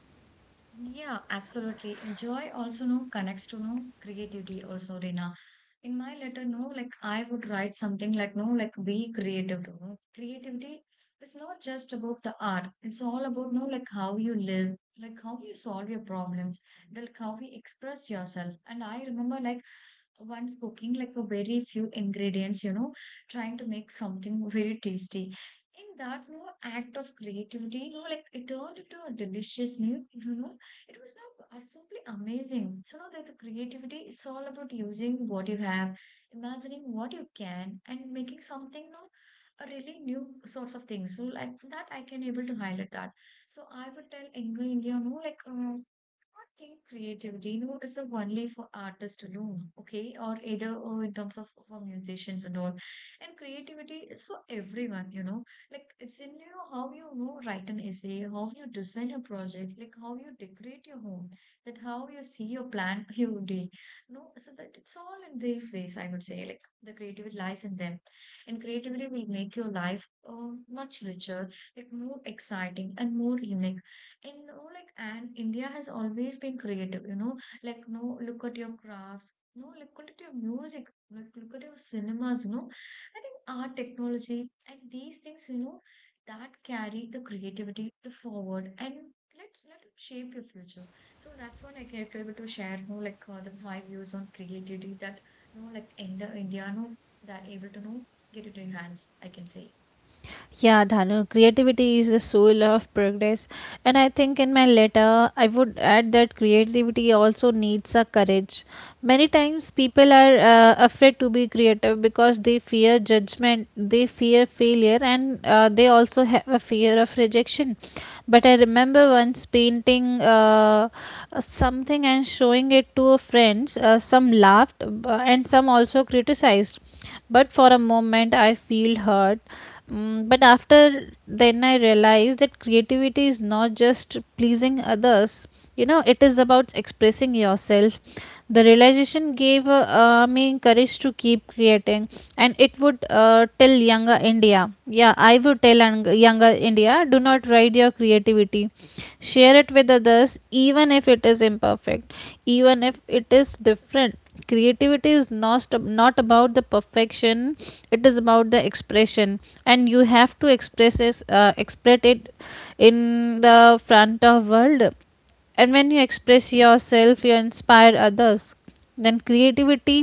S1: Yeah, absolutely. And joy also no connects to no creativity also, Rina. In my letter, no, like I would write something like no, like be creative to no. Creativity is not just about the art. It's all about no, like how you live, like how you solve your problems, like how you express yourself. And I remember like once cooking like a very few ingredients, you know, trying to make something very tasty. In that, you know, act of creativity, you know, like it turned into a delicious meal, you know, it was not simply amazing. So now that the creativity, it's all about using what you have, imagining what you can, and making something no a really new sorts of things. So like that, I can able to highlight that. So I would tell Inga India, no, like not think creativity, you know, is the only for artists alone, okay, or either or in terms of for musicians and all. And creativity is for everyone, you know. Like it's in, you know, how you know write an essay, how you design a project, like how you decorate your home, that how you see your plan your day. No, so that it's all in these ways, I would say. Like the creativity lies in them. And creativity will make your life much richer, like more exciting and more unique. And you know, like and India has always been creative, you know, like no look at your crafts. No, look at your music, like look at your cinemas, you know, I think art, technology, and these things, you know, that carry the creativity, the forward, and let us let it shape your future. So that's what I can able to share. You know, like the my views on creativity that, you know, like in the India, you know, that able to know get into your hands, I can say.
S2: Yeah, Dhanu, creativity is the soul of progress. And I think in my letter, I would add that creativity also needs a courage. Many times people are afraid to be creative because they fear judgment, they fear failure, and they also have a fear of rejection. But I remember once painting something and showing it to friends. Some laughed and some also criticized. But for a moment, I feel hurt. Mm, but after, then I realized that creativity is not just pleasing others. You know, it is about expressing yourself. The realization gave me courage to keep creating. And it would tell younger india yeah I would tell young- younger India, do not hide your creativity. Share it with others, even if it is imperfect, even if it is different. Creativity is not about the perfection, it is about the expression. And you have to express it, express it in the front of world. And when you express yourself, you inspire others. Then creativity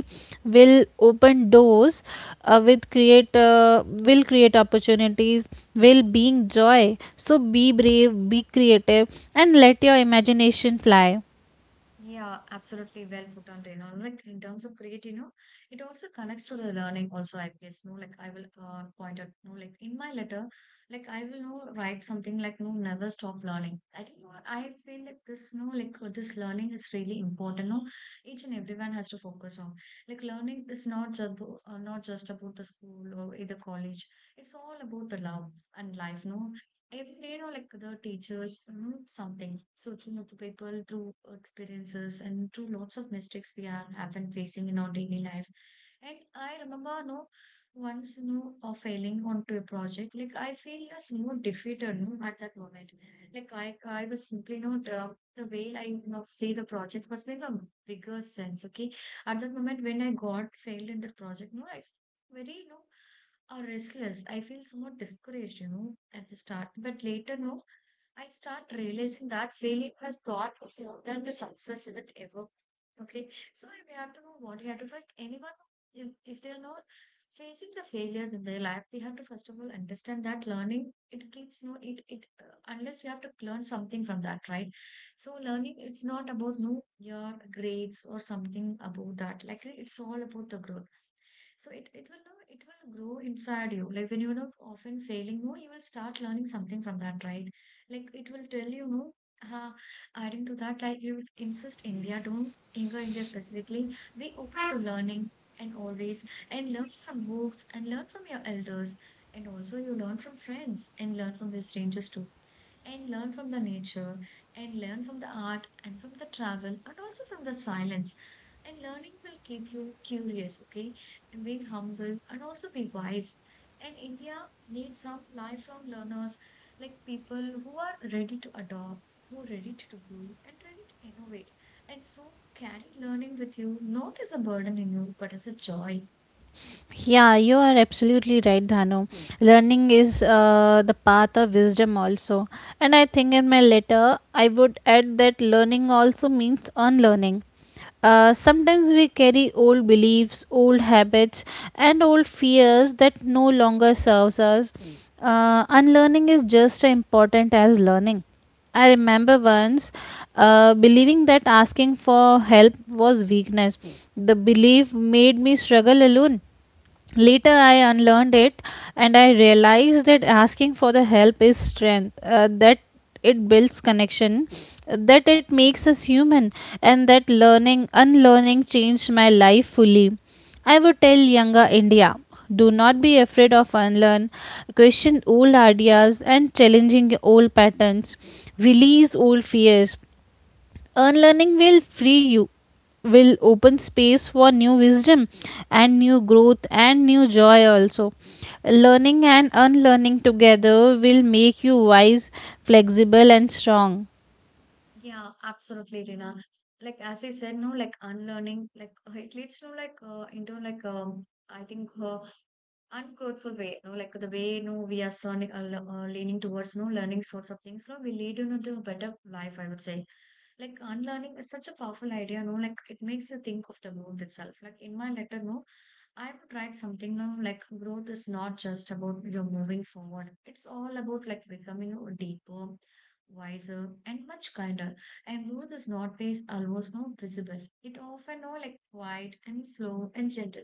S2: will open doors, with create will create opportunities, will being joy. So be brave, be creative, and let your imagination fly.
S1: Yeah, absolutely well put on, you know, like in terms of create, you know, it also connects to the learning also, I guess, no, like I will point out, no, like in my letter, like I will no, write something like, no, never stop learning. I think, no, I feel like this, no, like this learning is really important, no, each and everyone has to focus on. Like learning is not just, not just about the school or either college. It's all about the love and life, no, even, you know, like the teachers something. So to know the people through experiences and through lots of mistakes we are have been facing in our daily life. And I remember, no, once no of failing onto a project, like I feel as more defeated no, at that moment. Like I was simply not the way I, you know, see the project was made a bigger sense. Okay, at that moment when I got failed in that project, no, I very, you know, or restless. I feel somewhat discouraged, you know, at the start. But later, no, I start realizing that failure has got more than the success of it ever. Okay, so if you have to know what you have to do, like anyone, if they are not facing the failures in their life, they have to first of all understand that learning it keeps no it unless you have to learn something from that, right? So learning it's not about no your grades or something about that. Like it's all about the growth. So it will know it will grow inside you. Like when you know often failing more, you will start learning something from that, right? Like it will tell you, no, uh, adding to that, like you will insist India, don't anger India specifically. Be open to learning and always and learn from books and learn from your elders and also you learn from friends and learn from the strangers too and learn from the nature and learn from the art and from the travel and also from the silence, and learning will keep you curious, okay, being humble and also be wise. And India needs some lifelong learners, like people who are ready to adopt, who are ready to grow, and ready to innovate. And so carry learning with you, not as a burden in you, but as a joy.
S2: Yeah, you are absolutely right, Dhanu. Learning is the path of wisdom, also. And I think in my letter, I would add that learning also means unlearning. Sometimes we carry old beliefs, old habits, and old fears that no longer serves us. Unlearning is just as important as learning. I remember once believing that asking for help was weakness. The belief made me struggle alone. Later I unlearned it, and I realized that asking for the help is strength, that it builds connection, that it makes us human, and that learning unlearning changed my life fully. I would tell younger India, do not be afraid of unlearn. Question old ideas and challenging old patterns, release old fears. Unlearning will free you, will open space for new wisdom and new growth and new joy also. Learning and unlearning together will make you wise, flexible, and strong.
S1: Yeah, absolutely, Rina. Like as you said, no, like unlearning, like it leads to like into like I think ungrateful way, no, like the way no we are sonic, leaning towards no learning sorts of things, no, we lead you into a better life, I would say. Like unlearning is such a powerful idea, no, like it makes you think of the growth itself. Like in my letter, no, I would write something, no, like growth is not just about you're moving forward. It's all about like becoming a deeper, wiser, and much kinder. And growth is not always always no visible. It often no like quiet and slow and gentle.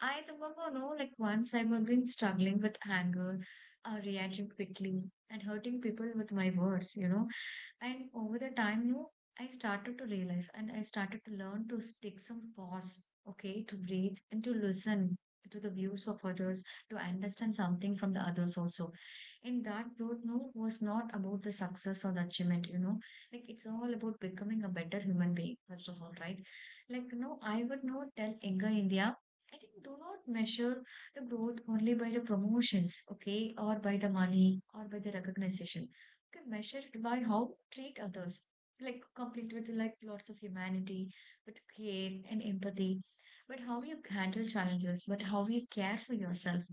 S1: I remember, no, like once I have been struggling with anger, reacting quickly, and hurting people with my words, you know. And over the time, no, I started to realize and I started to learn to take some pause, okay, to breathe and to listen to the views of others, to understand something from the others also. And that growth, no, was not about the success or the achievement, you know. Like it's all about becoming a better human being, first of all, right? Like, no, I would not tell younger India I think do not measure the growth only by the promotions, okay, or by the money or by the recognition. Okay, measure it by how we treat others, like complete with like lots of humanity, but care and empathy, but how you handle challenges, but how you care for yourself.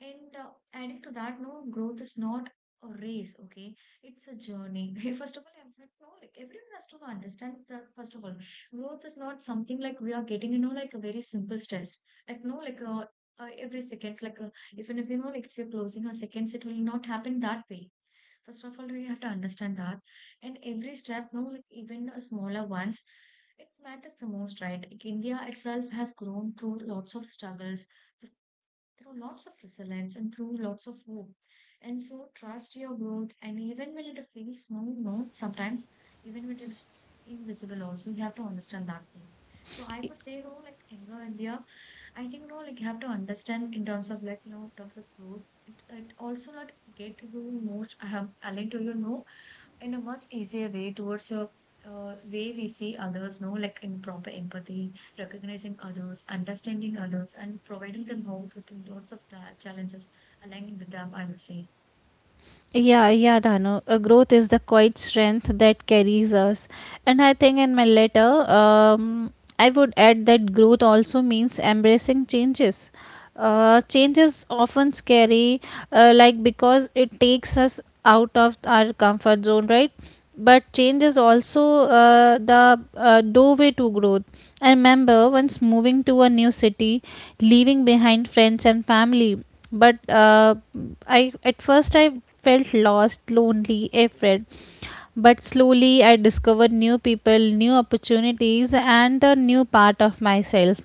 S1: And adding to that, no, growth is not a race, okay? It's a journey. First of all, I have to, know, like everyone has to understand that, first of all, growth is not something like we are getting, you know, like a very simple stress, like no like every second, like even if you know like if you're closing a seconds it will not happen that way. First of all you have to understand that, and every step no like even smaller ones, it matters the most, right, like India itself has grown through lots of struggles, through through lots of resilience and through lots of hope. And so trust your growth. And even when it feels small, no, sometimes even when it is invisible, also you have to understand that thing. So I could say, you know, like anger and fear, I think, you know, like you have to understand in terms of like, you know, in terms of growth, it also not get to you most, I have aligned to you, no, in a much easier way towards a way we see others, no, like in proper empathy, recognizing others, understanding others, and providing them hope with lots of challenges, aligning with them, I would say.
S2: Yeah, yeah, Dano. A growth is the quiet strength that carries us. And I think in my letter, I would add that growth also means embracing changes. Changes often scary, like because it takes us out of our comfort zone, right? But change is also the doorway to growth. I remember once moving to a new city, leaving behind friends and family. But I at first I felt lost, lonely, afraid. But slowly I discovered new people, new opportunities, and a new part of myself.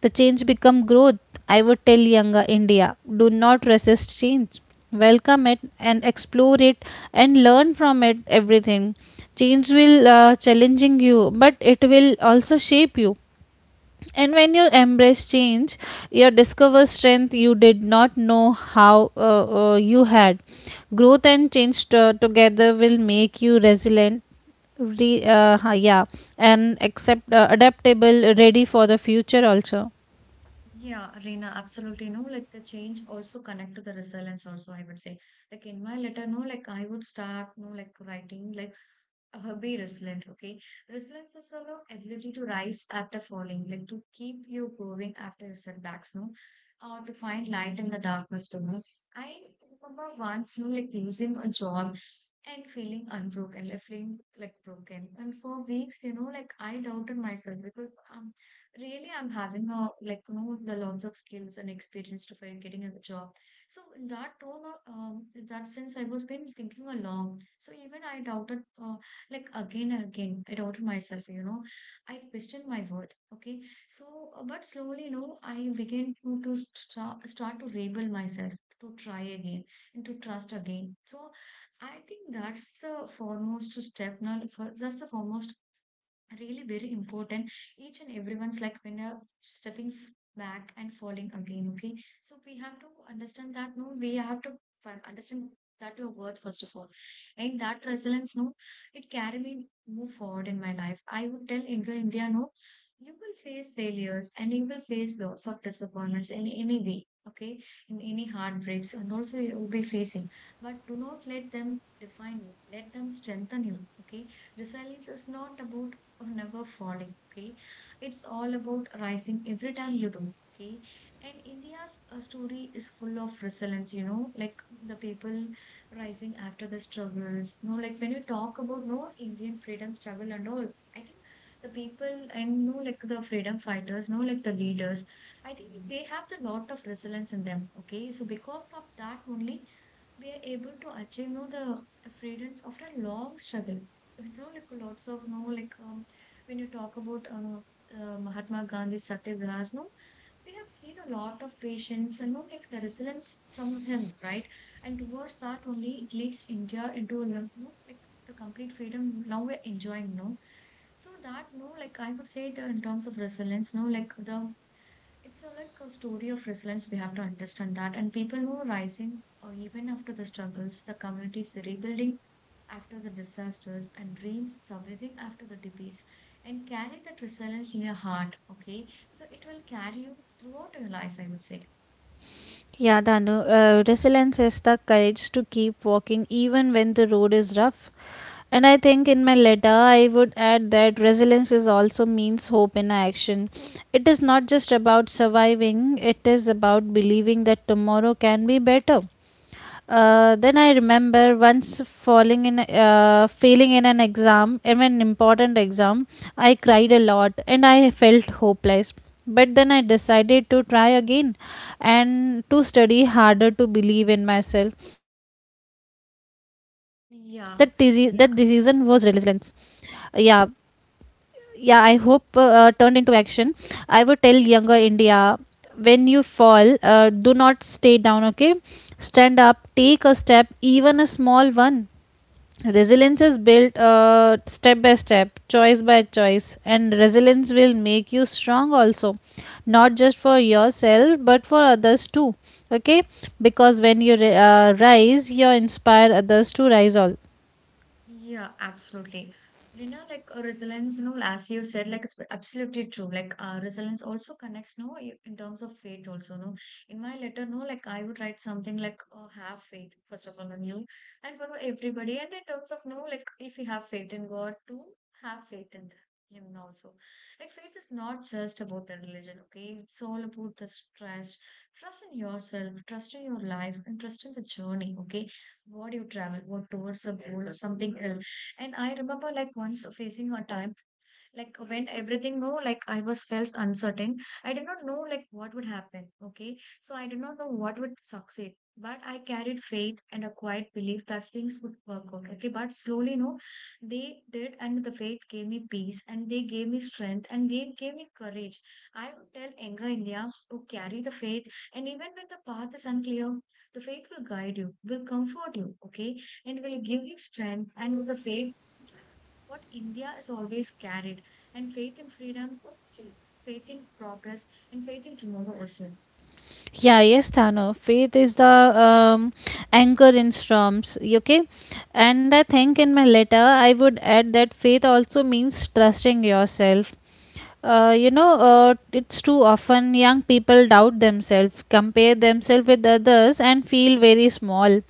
S2: The change become growth. I would tell younger India, do not resist change. Welcome it and explore it and learn from it everything. Change will challenging you, but it will also shape you. And when you embrace change, you discover strength you did not know how you had. Growth and together will make you resilient, yeah, and accept adaptable, ready for the future also.
S1: Yeah, Reena, absolutely. No, like the change also connect to the resilience also, I would say. Like in my letter, no, like I would start, no, like writing, like be resilient, okay? Resilience is the ability to rise after falling, like to keep you going after your setbacks, no? Or to find light in the darkness, too, no? I remember once, you know, like losing a job and feeling unbroken, like feeling like broken. And for weeks, you know, like I doubted myself because really I'm having a like you know the lots of skills and experience to find getting a job. So in that tone, in that sense, I was been thinking along. So even I doubted, like again and again, I doubted myself. You know, I questioned my worth. Okay, so but slowly, you know, I began to start to rebel myself, to try again and to trust again. So I think that's the foremost step. Now, that's the foremost, really very important, each and everyone's like when stepping back and falling again, okay, so we have to understand that, no, we have to understand that your worth first of all, and that resilience, no, it carry me move forward in my life. I would tell younger India, no, you will face failures and you will face lots of disappointments in any way, okay, in any heartbreaks and also you will be facing, but do not let them define you, let them strengthen you, okay. Resilience is not about or never falling. Okay, it's all about rising every time you do. Okay, and India's story is full of resilience, you know, like the people rising after the struggles. You know, like when you talk about no Indian freedom struggle and all, I think the people and no like the freedom fighters, no like the leaders, I think they have the lot of resilience in them. Okay, so because of that only we are able to achieve no the freedoms after a long struggle with no like lots of no like when you talk about Mahatma Gandhi Satyagrahas, no, we have seen a lot of patience and no like the resilience from him, right, and towards that only it leads India into no, know, like the complete freedom now we're enjoying, no. So that no like I would say the, in terms of resilience no like the, it's a, like a story of resilience. We have to understand that. And people who are rising, or even after the struggles, the communities rebuilding after the disasters, and dreams surviving after the debates, and carry that resilience in your heart. Okay, so it will carry you throughout your life, I would say.
S2: Yeah, Danu, resilience is the courage to keep walking even when the road is rough. And I think in my letter, I would add that resilience is also means hope in action. It is not just about surviving, it is about believing that tomorrow can be better. Then I remember once failing in an exam, in an important exam. I cried a lot and I felt hopeless. But then I decided to try again and to study harder, to believe in myself. That decision was resilience.
S1: Yeah, yeah.
S2: Yeah, yeah. I hope turned into action. I would tell younger India, when you fall, do not stay down, okay? Stand up, take a step, even a small one. Resilience is built step by step, choice by choice, and resilience will make you strong also, not just for yourself but for others too. Okay? Because when you rise, you inspire others to rise all.
S1: Yeah, absolutely. But you know, like resilience, you know, as you said, like it's absolutely true. Like resilience also connects, no, in terms of faith also, no. In my letter, no, like I would write something like, oh, have faith, first of all, on you and for everybody. And in terms of, no, like if you have faith in God, to have faith in Him also. Like faith is not just about the religion, okay? It's all about the trust, trust in yourself, trust in your life, and trust in the journey, okay? What you travel, what towards a goal or something else. And I remember like once facing a time like when everything no like I was felt uncertain, I did not know like what would happen, okay, so I did not know what would succeed, but I carried faith and a quiet belief that things would work out, okay, but slowly, no, they did. And the faith gave me peace, and they gave me strength, and they gave me courage. I would tell Enga India to carry the faith, and even when the path is unclear, the faith will guide you, will comfort you, okay, and will give you strength. And the faith what India has always carried, and faith in freedom, faith in progress, and faith in tomorrow also.
S2: Yeah, yes, Thano. Faith is the anchor in storms. Okay, and I think in my letter I would add that faith also means trusting yourself. You know, it's too often young people doubt themselves, compare themselves with others, and feel very small.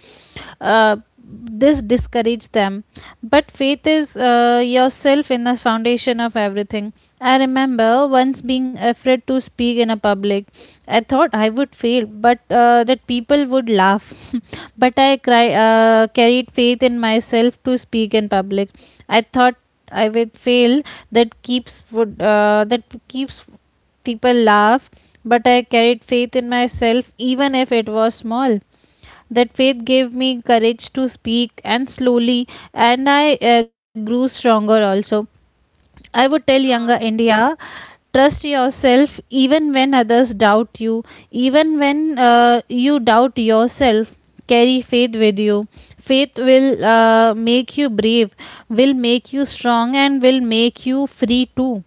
S2: Uh, this discouraged them, but faith is yourself in the foundation of everything. I remember once being afraid to speak in a public. I thought I would fail, but that people would laugh but I carried faith in myself to speak in public. I thought I would fail, that keeps would that keeps people laugh, but I carried faith in myself, even if it was small. That faith gave me courage to speak, and slowly, and I grew stronger also. I would tell younger
S1: Yeah,
S2: India, trust yourself even when others doubt you, even when you doubt yourself, carry faith with you. Faith will make you brave, will make you strong, and will make you free too.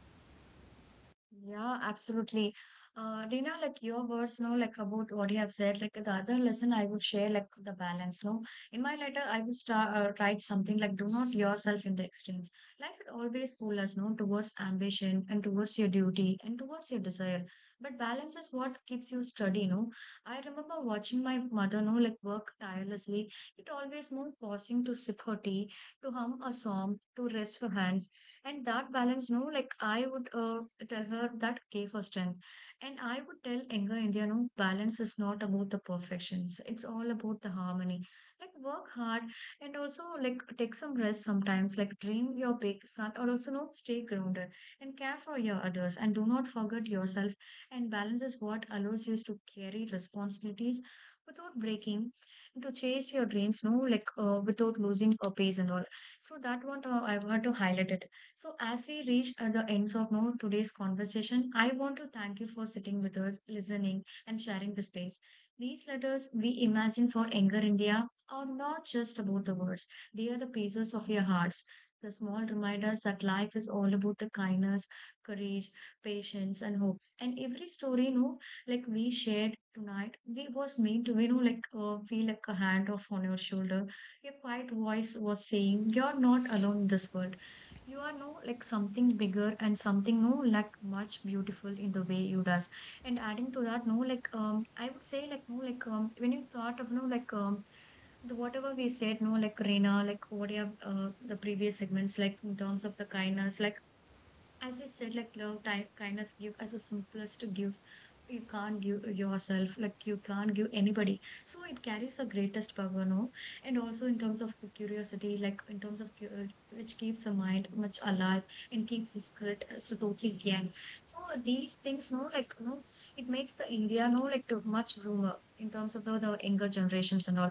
S1: yeah, absolutely. Dina, like your words, no, like about what you have said, like the other lesson I would share, like the balance, no. In my letter, I would start write something like, "Do not yourself in the extremes." Life will always pull us, no, towards ambition and towards your duty and towards your desire. But balance is what keeps you steady, no. I remember watching my mother, no, like work tirelessly. It always, no, pausing to sip her tea, to hum a song, to rest her hands, and that balance no like I would tell her that gave her strength. And I would tell younger India, no, balance is not about the perfections, it's all about the harmony. Like work hard, and also like take some rest sometimes, like dream your big son or also no stay grounded, and care for your others and do not forget yourself. And balance is what allows you to carry responsibilities without breaking, and to chase your dreams no like without losing a pace and all. So that one, I want to highlight it. So, as we reach at the ends of now today's conversation, I want to thank you for sitting with us, listening, and sharing the space. These letters we imagine for Younger India are not just about the words; they are the pages of your hearts. The small reminders that life is all about the kindness, courage, patience, and hope. And every story, you know, like we shared tonight, we was meant to, you know, like feel like a hand off on your shoulder. Your quiet voice was saying, "You're not alone in this world." You are no like something bigger and something no like much beautiful in the way you does. And adding to that no like I would say like no like when you thought of no like the whatever we said, no, like Reena, like what you have the previous segments, like in terms of the kindness, like as I said, like love, type, kindness, give as the simplest to give. You can't give yourself, like you can't give anybody. So it carries the greatest power, no? And also in terms of the curiosity, like in terms of which keeps the mind much alive and keeps the spirit so totally young. So these things, no, like no, it makes the India, no, like too much rumor in terms of the younger generations and all.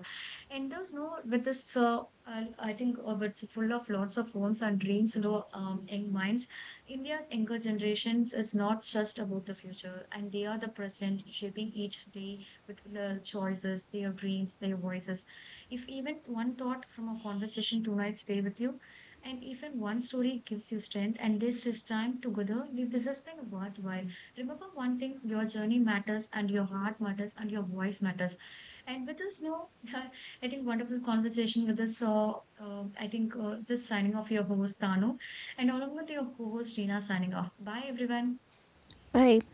S1: And there's no with this, I think, it's full of lots of homes and dreams, you know, young minds. India's younger generations is not just about the future, and they are the present, shaping each day with their choices, their dreams, their voices. If even one thought from a conversation tonight stay with you, and even one story gives you strength, and this is time together, this has been worthwhile. Remember one thing: your journey matters, and your heart matters, and your voice matters. And with this, no, I think wonderful conversation with us. I think this signing off your host Tanu. And along with your co host, Reena, signing off. Bye, everyone.
S2: Right.